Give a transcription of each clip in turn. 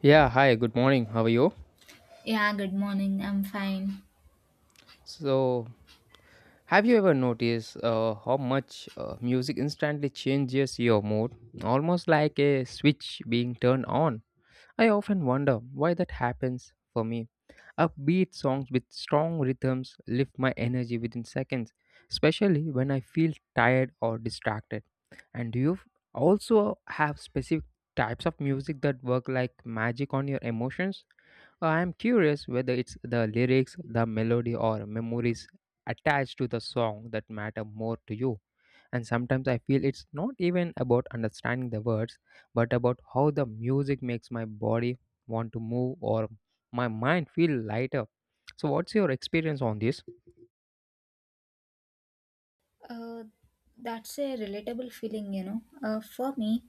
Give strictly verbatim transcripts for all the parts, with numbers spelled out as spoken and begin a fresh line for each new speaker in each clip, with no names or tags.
Yeah, hi, good morning. How are you?
Yeah, good morning. I'm fine.
So, have you ever noticed uh, how much uh, music instantly changes your mood? Almost like a switch being turned on. I often wonder why that happens for me. Upbeat songs with strong rhythms lift my energy within seconds, especially when I feel tired or distracted. And do you f- also have specific types of music that work like magic on your emotions? I'm curious whether it's the lyrics, the melody, or memories attached to the song that matter more to you. And sometimes I feel it's not even about understanding the words, but about how the music makes my body want to move or my mind feel lighter. So, what's your experience on this?
Uh, that's a relatable feeling, you know. Uh, for me,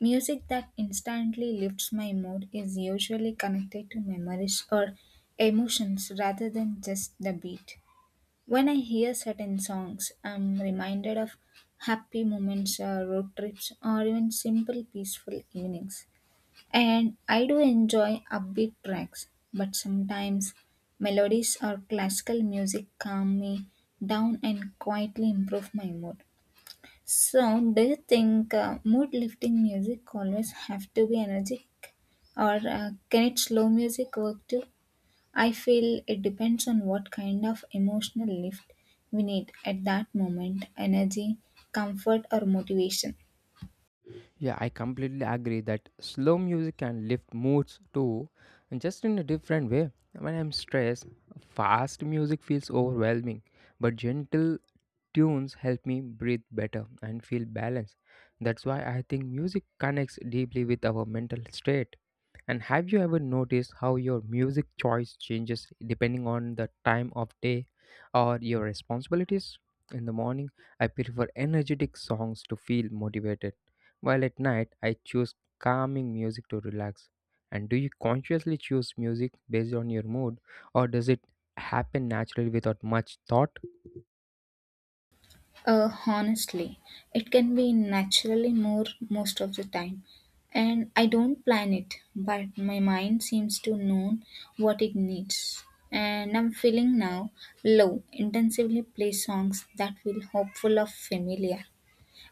music that instantly lifts my mood is usually connected to memories or emotions rather than just the beat. When I hear certain songs, I'm reminded of happy moments, uh, road trips, or even simple peaceful evenings. And I do enjoy upbeat tracks, but sometimes melodies or classical music calm me down and quietly improve my mood. So, do you think uh, mood lifting music always have to be energetic, or uh, can it slow music work too? I feel it depends on what kind of emotional lift we need at that moment energy, comfort, or motivation.
Yeah, I completely agree that slow music can lift moods too, and just in a different way. When I'm stressed, fast music feels overwhelming, but gentle tunes help me breathe better and feel balanced. That's why I think music connects deeply with our mental state. And have you ever noticed how your music choice changes depending on the time of day or your responsibilities? In the morning, I prefer energetic songs to feel motivated while at night, I choose calming music to relax. And do you consciously choose music based on your mood, or does it happen naturally without much thought?
Uh, honestly, it can be naturally more most of the time. And I don't plan it, but my mind seems to know what it needs. And I'm feeling now low, intensively play songs that feel hopeful or familiar.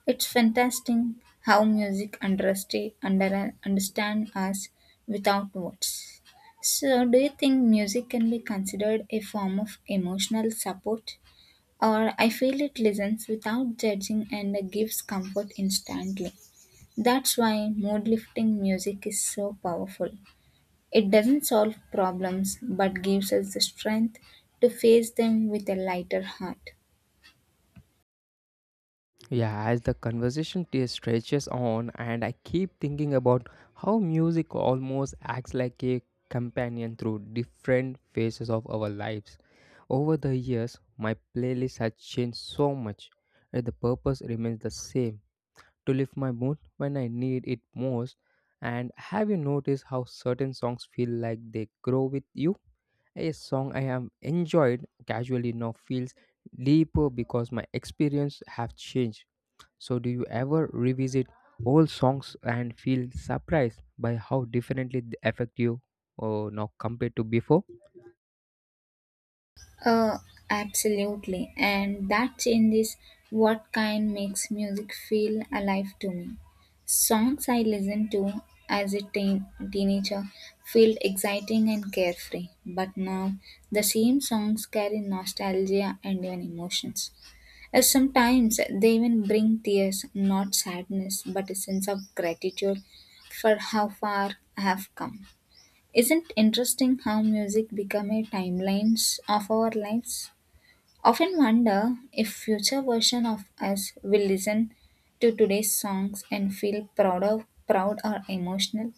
It's fantastic how music understa- under, understand us without words. So, do you think music can be considered a form of emotional support? Or I feel it listens without judging and gives comfort instantly. That's why mood lifting music is so powerful. It doesn't solve problems but gives us the strength to face them with a lighter heart.
Yeah, as the conversation t- stretches on, and I keep thinking about how music almost acts like a companion through different phases of our lives. Over the years, my playlist has changed so much, and the purpose remains the same to lift my mood when I need it most. And have you noticed how certain songs feel like they grow with you? A song I have enjoyed casually now feels deeper because my experience have changed. So do you ever revisit old songs and feel surprised by how differently they affect you or now compared to before?
Uh, Absolutely. And that changes what kind makes music feel alive to me. Songs I listened to as a teen- teenager feel exciting and carefree, but now the same songs carry nostalgia and even emotions. Uh, Sometimes they even bring tears, not sadness, but a sense of gratitude for how far I have come. Isn't interesting how music become a timelines of our lives? Often wonder if future version of us will listen to today's songs and feel proud of, proud or emotional.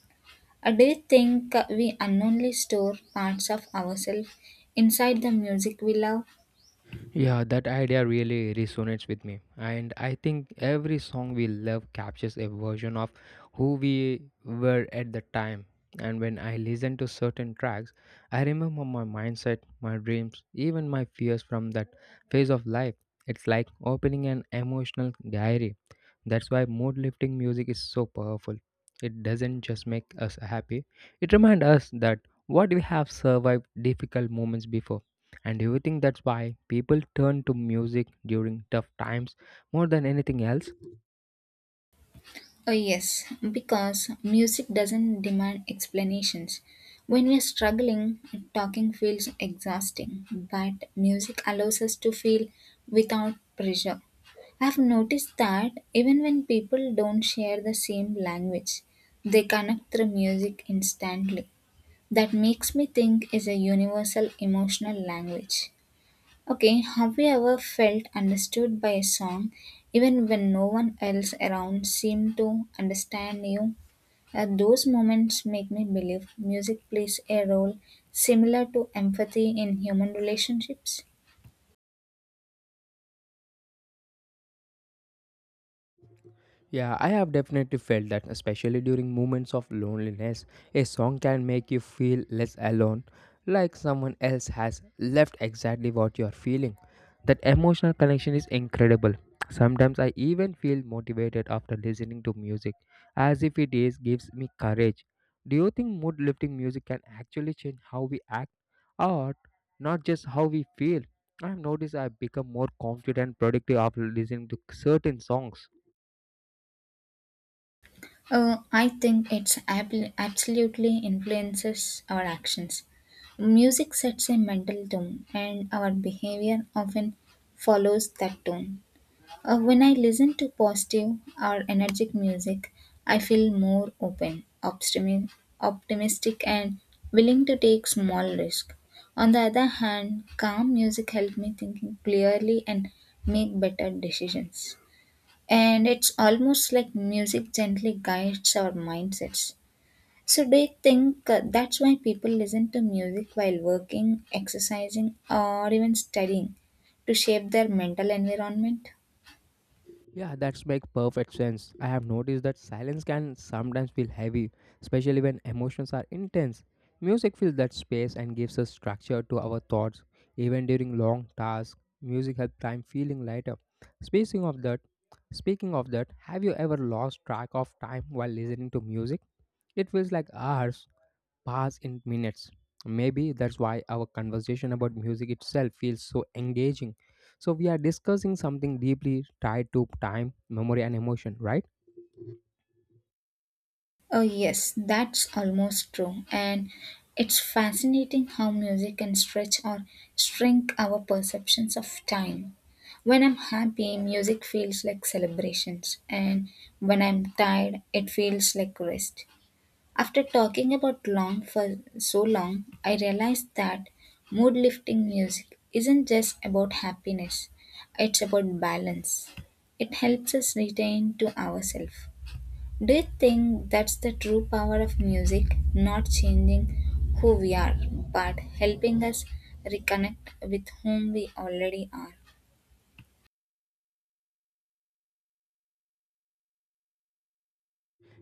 Or do you think we unknowingly store parts of ourselves inside the music we love?
Yeah, that idea really resonates with me. And I think every song we love captures a version of who we were at the time. And when I listen to certain tracks, I remember my mindset, my dreams, even my fears from that phase of life. It's like opening an emotional diary, that's why mood lifting music is so powerful. It doesn't just make us happy, it reminds us that what we have survived difficult moments before. And do you think that's why people turn to music during tough times more than anything else?
Oh, yes, because music doesn't demand explanations. When we are struggling, talking feels exhausting, but music allows us to feel without pressure. I have noticed that even when people don't share the same language, they connect through music instantly. That makes me think is a universal emotional language. Okay, have you ever felt understood by a song even when no one else around seemed to understand you? Uh, those moments make me believe music plays a role similar to empathy in human relationships.
Yeah, I have definitely felt that, especially during moments of loneliness. A song can make you feel less alone, like someone else has left exactly what you are feeling. That emotional connection is incredible. Sometimes I even feel motivated after listening to music, as if it is gives me courage. Do you think mood lifting music can actually change how we act or not just how we feel? I've noticed I become more confident and productive after listening to certain songs.
Uh, I think it's ab- absolutely influences our actions. Music sets a mental tone, and our behavior often follows that tone. Uh, when I listen to positive or energetic music, I feel more open, optimi- optimistic, and willing to take small risks. On the other hand, calm music helps me thinking clearly and make better decisions. And it's almost like music gently guides our mindsets. So, do you think uh, that's why people listen to music while working, exercising, or even studying to shape their mental environment?
Yeah, that's make perfect sense. I have noticed that silence can sometimes feel heavy, especially when emotions are intense. Music fills that space and gives us structure to our thoughts. Even during long tasks, music helps time feeling lighter. Speaking of that, Speaking of that, have you ever lost track of time while listening to music? It feels like hours pass in minutes. Maybe that's why our conversation about music itself feels so engaging. So, we are discussing something deeply tied to time, memory, and emotion, right?
Oh, yes, that's almost true. And it's fascinating how music can stretch or shrink our perceptions of time. When I'm happy, music feels like celebrations, and when I'm tired, it feels like rest. After talking about long for so long, I realized that mood lifting music isn't just about happiness, it's about balance. It helps us return to ourselves. Do you think that's the true power of music? Not changing who we are, but helping us reconnect with whom we already are.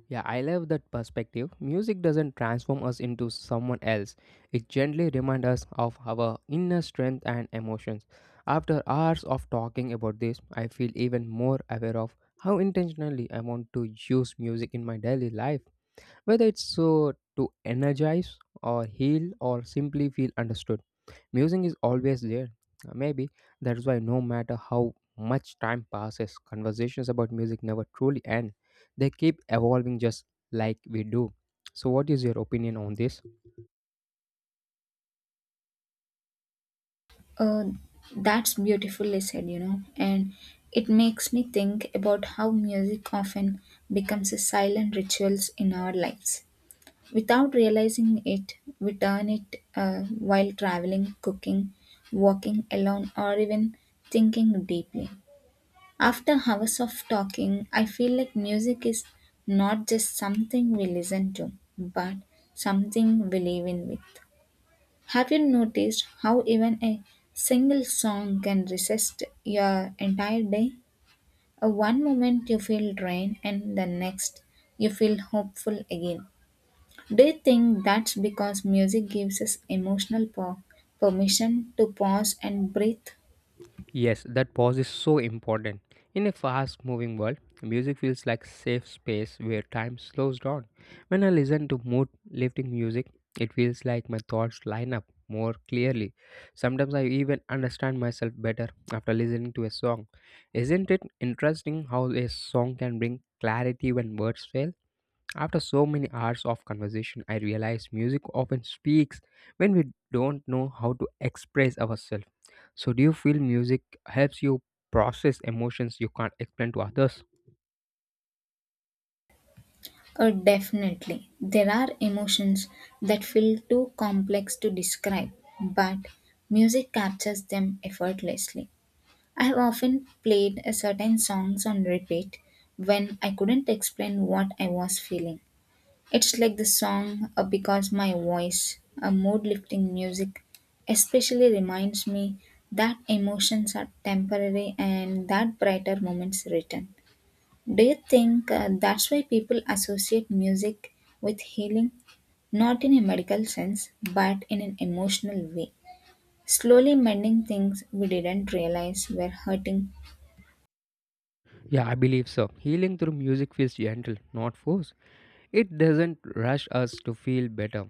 Yeah, I love that perspective. Music doesn't transform us into someone else. It gently reminds us of our inner strength and emotions. After hours of talking about this, I feel even more aware of how intentionally I want to use music in my daily life, whether it's so to energize or heal or simply feel understood. Music is always there. Uh, Maybe that's why no matter how much time passes, conversations about music never truly end. They keep evolving just like we do. So, what is your opinion on this?
Oh, that's beautifully said, you know, and it makes me think about how music often becomes a silent rituals in our lives. Without realizing it, we turn it uh, while traveling, cooking, walking alone, or even thinking deeply. After hours of talking, I feel like music is not just something we listen to, but something we live in with. Have you noticed how even a single song can resist your entire day? Uh, One moment you feel drained, and the next you feel hopeful again. Do you think that's because music gives us emotional po- permission to pause and breathe?
Yes, that pause is so important. In a fast moving world, music feels like safe space where time slows down. When I listen to mood lifting music, it feels like my thoughts line up more clearly. Sometimes I even understand myself better after listening to a song. Isn't it interesting how a song can bring clarity when words fail? After so many hours of conversation, I realize music often speaks when we don't know how to express ourselves. So, do you feel music helps you process emotions you can't explain to others?
Uh, definitely. There are emotions that feel too complex to describe, but music captures them effortlessly. I have often played a certain songs on repeat when I couldn't explain what I was feeling. It's like the song uh, because my voice, a mood lifting music, especially reminds me that emotions are temporary and that brighter moments return. Do you think uh, that's why people associate music with healing? Not in a medical sense, but in an emotional way. Slowly mending things we didn't realize were hurting.
Yeah, I believe so. Healing through music feels gentle, not forced. It doesn't rush us to feel better.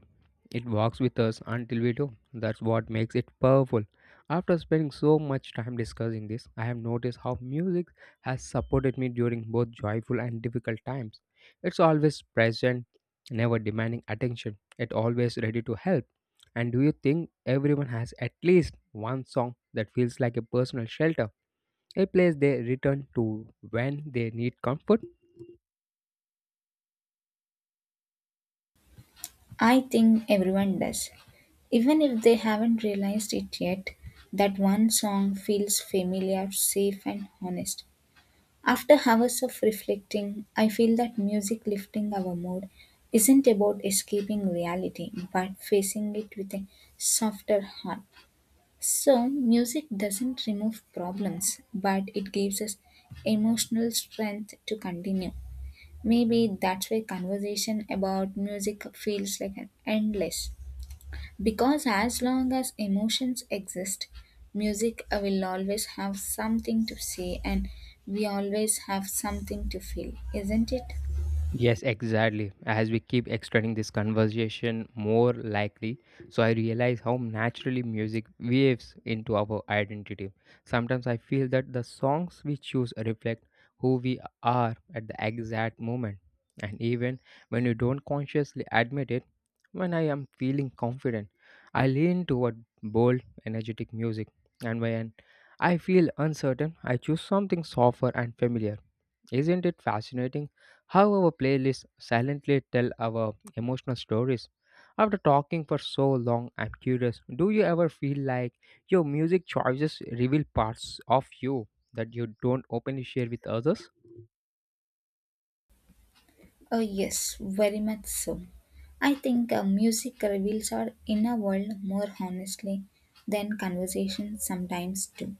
It walks with us until we do. That's what makes it powerful. After spending so much time discussing this, I have noticed how music has supported me during both joyful and difficult times. It's always present, never demanding attention, yet always ready to help. And do you think everyone has at least one song that feels like a personal shelter, a place they return to when they need comfort?
I think everyone does. Even if they haven't realized it yet, that one song feels familiar, safe, and honest. After hours of reflecting, I feel that music lifting our mood isn't about escaping reality, but facing it with a softer heart. So, music doesn't remove problems, but it gives us emotional strength to continue. Maybe that's why conversation about music feels like an endless. Because as long as emotions exist, music uh, will always have something to say and we always have something to feel, isn't it?
Yes, exactly. As we keep extending this conversation more likely, so I realize how naturally music weaves into our identity. Sometimes I feel that the songs we choose reflect who we are at the exact moment. And even when you don't consciously admit it, when I am feeling confident, I lean toward bold, energetic music. And when I feel uncertain, I choose something softer and familiar, isn't it fascinating how our playlists silently tell our emotional stories? After talking for so long, I'm curious, do you ever feel like your music choices reveal parts of you that you don't openly share with others?
Oh, yes, very much so. I think uh, music reveals our inner world more honestly than conversations sometimes do.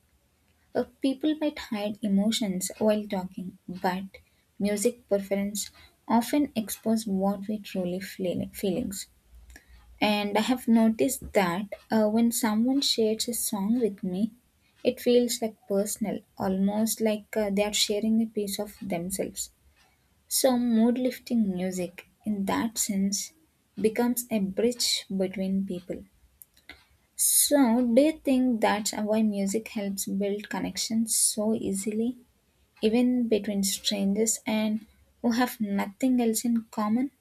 Uh, people might hide emotions while talking, but music preference often expose what we truly feel feelings. And I have noticed that uh, when someone shares a song with me, it feels like personal, almost like uh, they are sharing a piece of themselves. So, mood lifting music, in that sense, becomes a bridge between people. So, do you think that's why music helps build connections so easily, even between strangers and who have nothing else in common?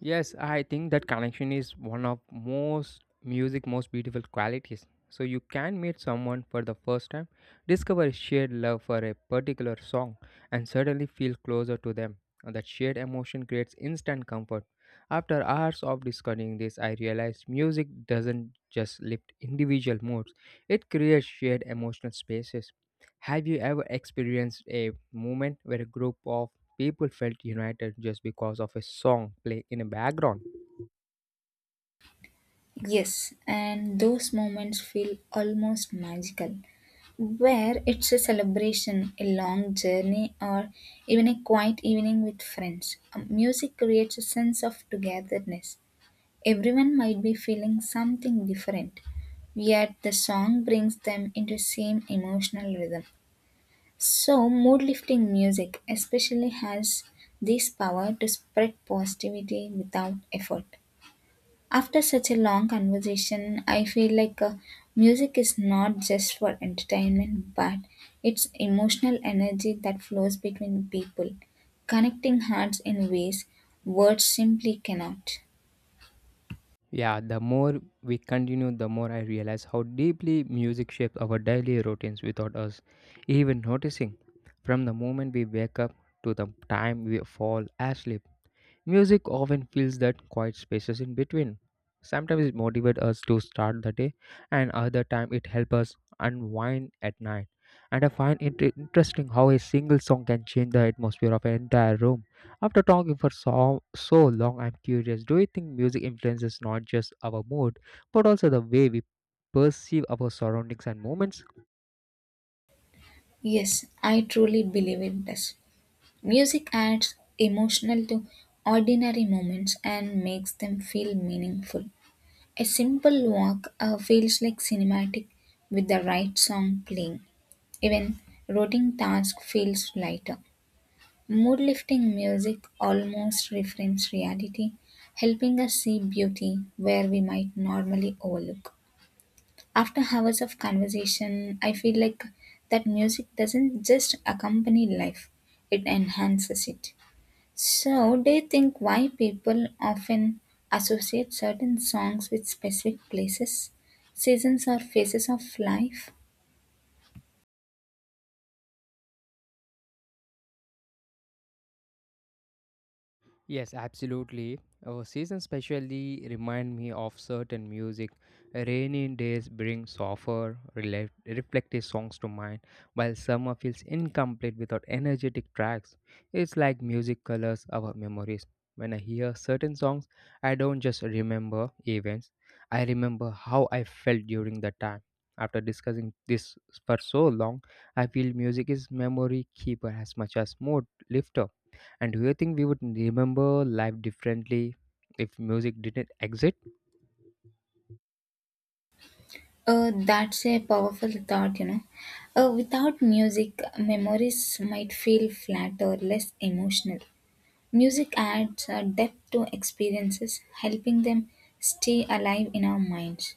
Yes, I think that connection is one of most music most beautiful qualities. So you can meet someone for the first time, discover a shared love for a particular song, and suddenly feel closer to them. And that shared emotion creates instant comfort. After hours of discussing this, I realized music doesn't just lift individual moods; it creates shared emotional spaces. Have you ever experienced a moment where a group of people felt united just because of a song playing in a background.
Yes, and those moments feel almost magical, where it's a celebration, a long journey, or even a quiet evening with friends. Um, Music creates a sense of togetherness. Everyone might be feeling something different, yet the song brings them into same emotional rhythm. So mood lifting music especially has this power to spread positivity without effort. After such a long conversation, I feel like uh, music is not just for entertainment but it's emotional energy that flows between people, connecting hearts in ways words simply cannot.
Yeah, the more we continue, the more I realize how deeply music shapes our daily routines without us even noticing. From the moment we wake up to the time we fall asleep, music often fills that quiet spaces in between. Sometimes it motivates us to start the day, and other time it helps us unwind at night. And I find it i- interesting how a single song can change the atmosphere of an entire room. After talking for so, so long, I'm curious, do you think music influences not just our mood, but also the way we perceive our surroundings and moments?
Yes, I truly believe it does. Music adds emotional to ordinary moments and makes them feel meaningful. A simple walk uh, feels like cinematic with the right song playing. Even routine task feels lighter. Mood lifting music almost reframes reality, helping us see beauty where we might normally overlook. After hours of conversation, I feel like that music doesn't just accompany life, it enhances it. So, do you think why people often associate certain songs with specific places, seasons, or phases of life?
Yes, absolutely. Uh, seasons especially remind me of certain music. Rainy days bring softer, rela- reflective songs to mind, while summer feels incomplete without energetic tracks. It's like music colors our memories. When I hear certain songs, I don't just remember events, I remember how I felt during the time. After discussing this for so long, I feel music is memory keeper as much as mood lifter. And do you think we would remember life differently if music didn't exist?
Uh, that's a powerful thought, you know. Uh, without music, memories might feel flat or less emotional. Music adds a depth to experiences, helping them stay alive in our minds.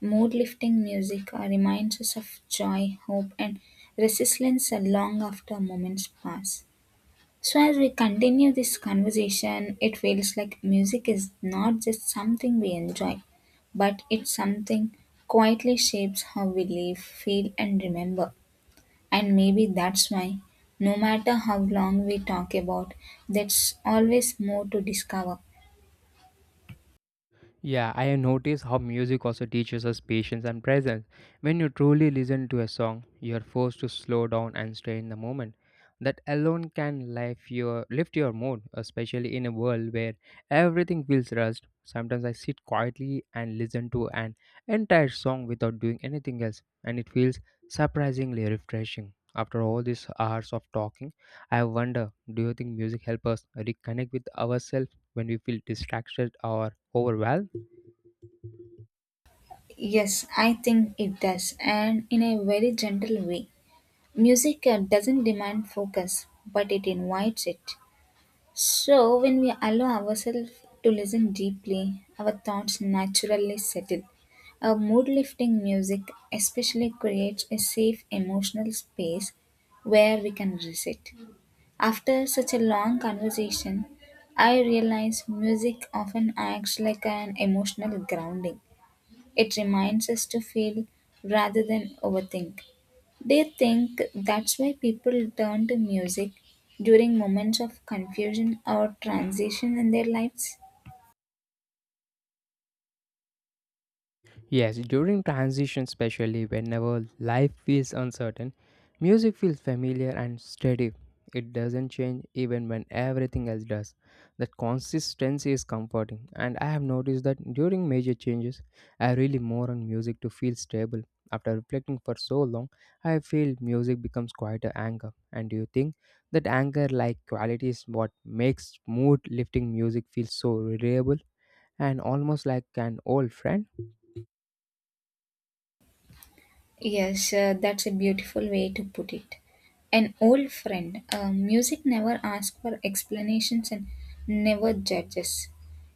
Mood lifting music uh, reminds us of joy, hope, and resilience uh, long after moments pass. So, as we continue this conversation, it feels like music is not just something we enjoy, but it's something quietly shapes how we live, feel, and remember. And maybe that's why, no matter how long we talk about, there's always more to discover.
Yeah, I have noticed how music also teaches us patience and presence. When you truly listen to a song, you are forced to slow down and stay in the moment. That alone can lift your lift your mood, especially in a world where everything feels rushed. Sometimes I sit quietly and listen to an entire song without doing anything else, and it feels surprisingly refreshing. After all these hours of talking, I wonder, do you think music helps us reconnect with ourselves when we feel distracted or overwhelmed?
Yes, I think it does, and in a very gentle way. Music uh, doesn't demand focus, but it invites it. So, when we allow ourselves to listen deeply, our thoughts naturally settle. A mood lifting music especially creates a safe emotional space where we can reset. After such a long conversation, I realize music often acts like an emotional grounding. It reminds us to feel rather than overthink. Do you think that's why people turn to music during moments of confusion or transition in their lives?
Yes, during transition, especially whenever life feels uncertain, music feels familiar and steady. It doesn't change even when everything else does. That consistency is comforting, and I have noticed that during major changes, I really more on music to feel stable. After reflecting for so long, I feel music becomes quite an anchor. And do you think that anchor like quality is what makes mood lifting music feel so reliable and almost like an old friend?
Yes, uh, that's a beautiful way to put it. An old friend. Uh, music never asks for explanations and never judges.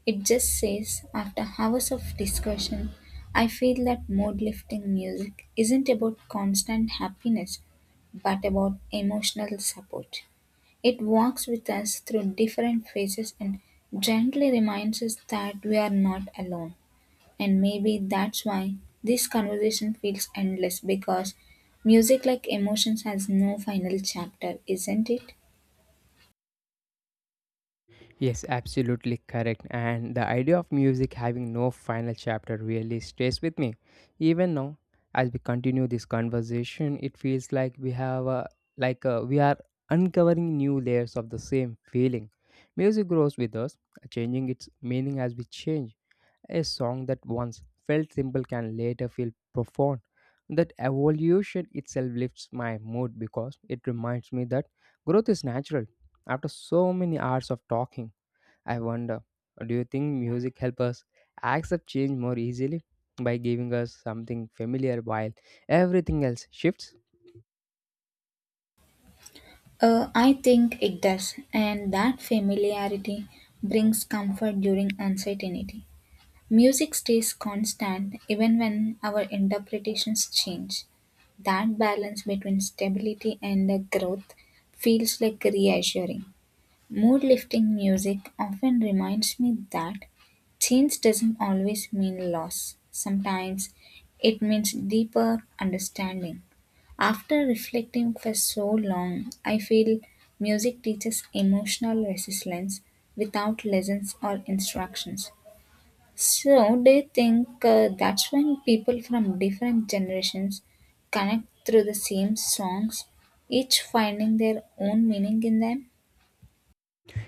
It just says, after hours of discussion, I feel that mood lifting music isn't about constant happiness, but about emotional support. It walks with us through different phases and gently reminds us that we are not alone. And maybe that's why this conversation feels endless because music, like emotions, has no final chapter, isn't it?
Yes, absolutely correct. And the idea of music having no final chapter really stays with me. Even now, as we continue this conversation, it feels like we have a, like uh we are uncovering new layers of the same feeling. Music grows with us, changing its meaning as we change. A song that once felt simple can later feel profound. That evolution itself lifts my mood because it reminds me that growth is natural after so many hours of talking. I wonder, do you think music helps us accept change more easily by giving us something familiar while everything else shifts?
Uh, I think it does, and that familiarity brings comfort during uncertainty. Music stays constant even when our interpretations change. That balance between stability and uh, growth feels like reassuring. Mood-lifting music often reminds me that change doesn't always mean loss. Sometimes it means deeper understanding. After reflecting for so long, I feel music teaches emotional resilience without lessons or instructions. So, do you think uh, that's when people from different generations connect through the same songs, each finding their own meaning in them?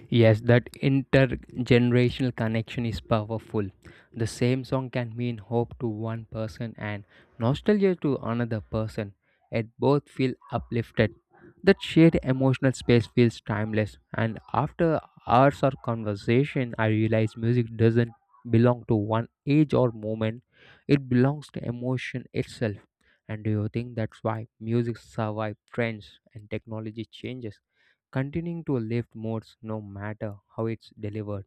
Yes, that intergenerational connection is powerful. The same song can mean hope to one person and nostalgia to another person, and both feel uplifted. That shared emotional space feels timeless, and after hours of conversation, I realize music doesn't belong to one age or moment, it belongs to emotion itself. And do you think that's why music survives trends and technology changes? Continuing to a lift modes no matter how it's delivered.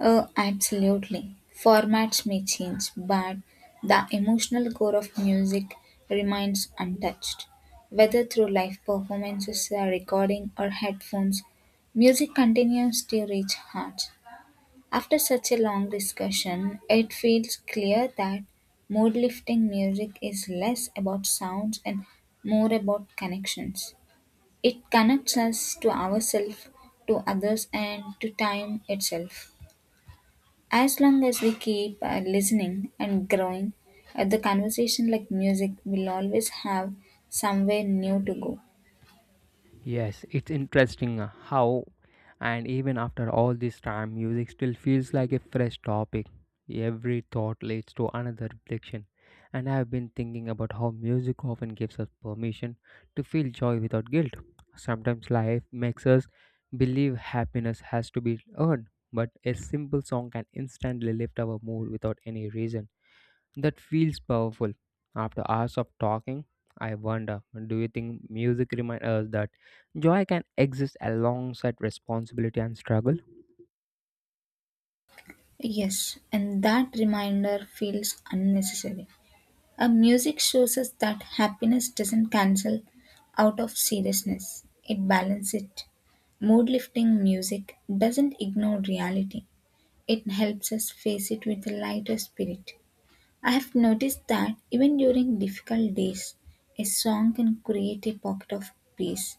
Oh, absolutely. Formats may change, but the emotional core of music remains untouched. Whether through live performances, a recording, or headphones, music continues to reach hearts. After such a long discussion, it feels clear that mood lifting music is less about sounds and more about connections. It connects us to ourselves, to others, and to time itself. As long as we keep uh, listening and growing, uh, the conversation, like music, will always have somewhere new to go.
Yes, it's interesting, uh, how, and even after all this time, music still feels like a fresh topic. Every thought leads to another reflection, and I have been thinking about how music often gives us permission to feel joy without guilt. Sometimes life makes us believe happiness has to be earned, but a simple song can instantly lift our mood without any reason. That feels powerful. After hours of talking, I wonder, do you think music reminds us that joy can exist alongside responsibility and struggle?
Yes, and that reminder feels unnecessary. A music shows us that happiness doesn't cancel out of seriousness, it balances it. Mood lifting music doesn't ignore reality, it helps us face it with a lighter spirit. I've noticed that even during difficult days, a song can create a pocket of peace.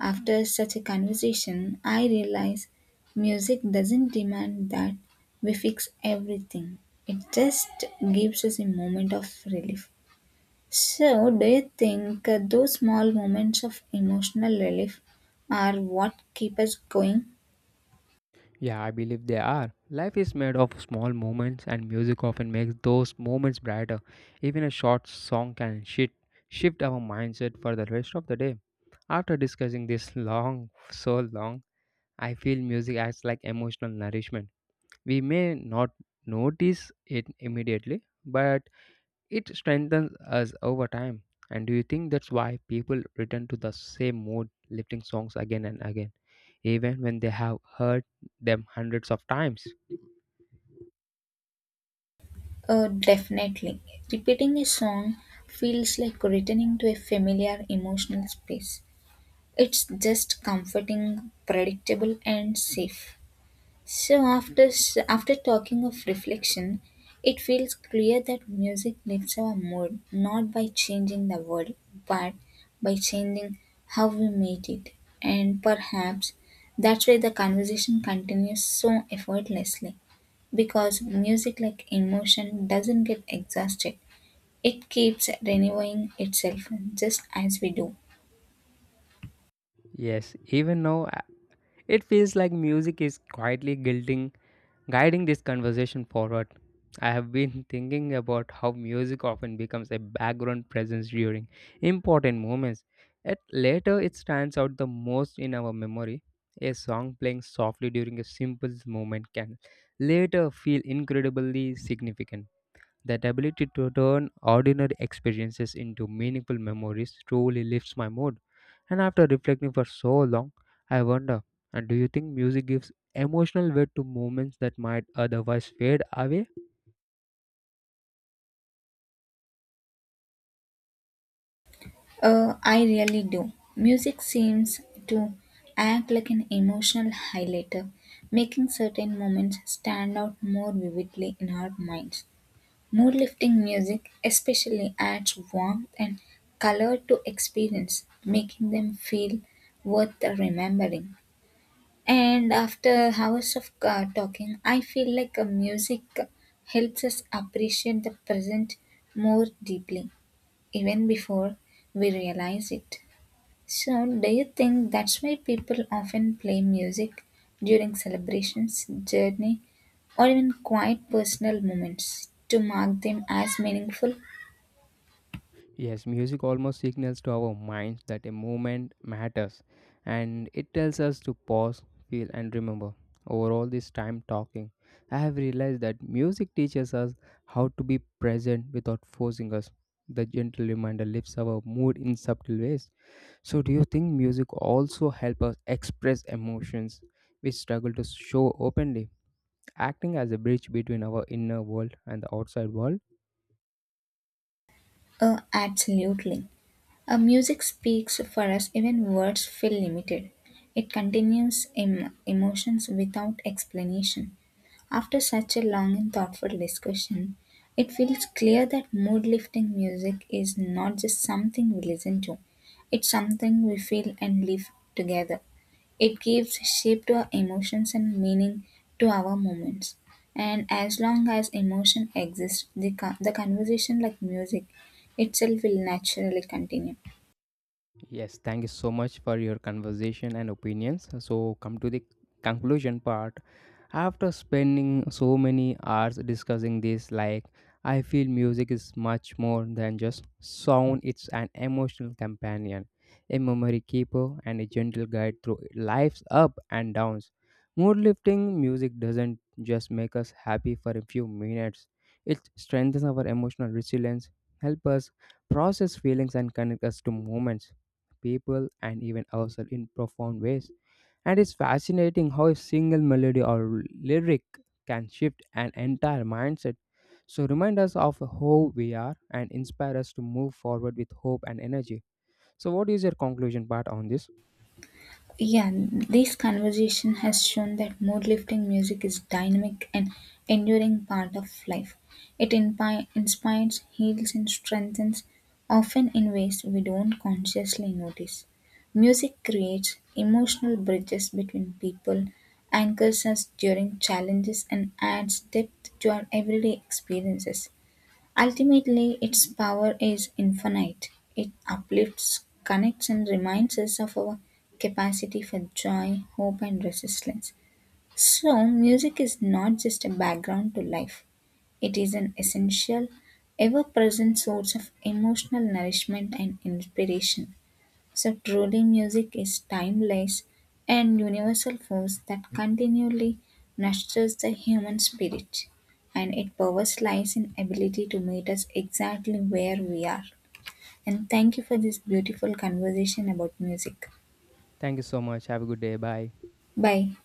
After such a conversation, I realize music doesn't demand that we fix everything, it just gives us a moment of relief. So, do you think uh, those small moments of emotional relief are what keep us going?
Yeah, I believe they are. Life is made of small moments, and music often makes those moments brighter. Even a short song can shift, shift our mindset for the rest of the day. After discussing this long, so long, I feel music acts like emotional nourishment. We may not notice it immediately, but it strengthens us over time. And do you think that's why people return to the same mood lifting songs again and again, even when they have heard them hundreds of times?
Uh, definitely. Repeating a song feels like returning to a familiar emotional space. It's just comforting, predictable, and safe. So after s- after talking of reflection, it feels clear that music lifts our mood not by changing the world, but by changing how we meet it. And perhaps that's why the conversation continues so effortlessly because music like emotion doesn't get exhausted. It keeps renewing itself just as we do.
Yes, even now it feels like music is quietly guilting, guiding this conversation forward. I have been thinking about how music often becomes a background presence during important moments, yet later it stands out the most in our memory. A song playing softly during a simple moment can later feel incredibly significant. That ability to turn ordinary experiences into meaningful memories truly lifts my mood. And after reflecting for so long, I wonder, and do you think music gives emotional weight to moments that might otherwise fade away?
Uh, I really do. Music seems to act like an emotional highlighter, making certain moments stand out more vividly in our minds. Mood lifting music especially adds warmth and color to experience, making them feel worth remembering. And after hours of uh, talking, I feel like a music helps us appreciate the present more deeply, even before we realize it. So, do you think that's why people often play music during celebrations, journey, or even quiet personal moments to mark them as meaningful?
Yes, music almost signals to our minds that a moment matters and it tells us to pause, feel, and remember. Over all this time talking, I have realized that music teaches us how to be present without forcing us. The gentle reminder lifts our mood in subtle ways. So, do you think music also help us express emotions we struggle to show openly, acting as a bridge between our inner world and the outside world?
Oh, absolutely. A music speaks for us even words feel limited. It continues em- emotions without explanation. After such a long and thoughtful discussion, it feels clear that mood lifting music is not just something we listen to, it's something we feel and live together. It gives shape to our emotions and meaning to our moments. And as long as emotion exists, the, con- the conversation, like music itself, will naturally continue.
Yes, thank you so much for your conversation and opinions. So, come to the conclusion part. After spending so many hours discussing this, like, I feel music is much more than just sound, it's an emotional companion, a memory keeper, and a gentle guide through life's up and downs. Mood lifting music doesn't just make us happy for a few minutes, it strengthens our emotional resilience, help us process feelings, and connect us to moments, people, and even ourselves in profound ways. And it's fascinating how a single melody or lyric can shift an entire mindset. So, remind us of who we are and inspire us to move forward with hope and energy. So, what is your conclusion part on this?
Yeah, this conversation has shown that mood lifting music is dynamic and enduring part of life. It inpi- inspires, heals, and strengthens, often in ways we don't consciously notice. Music creates emotional bridges between people, anchors us during challenges, and adds depth to our everyday experiences. Ultimately, its power is infinite; it uplifts, connects and reminds us of our capacity for joy, hope and resilience. So, music is not just a background to life, it is an essential, ever present source of emotional nourishment and inspiration. So truly music is timeless and universal force that continually nurtures the human spirit and its power lies in ability to meet us exactly where we are. And thank you for this beautiful conversation about music.
Thank you so much. Have a good day. Bye.
Bye.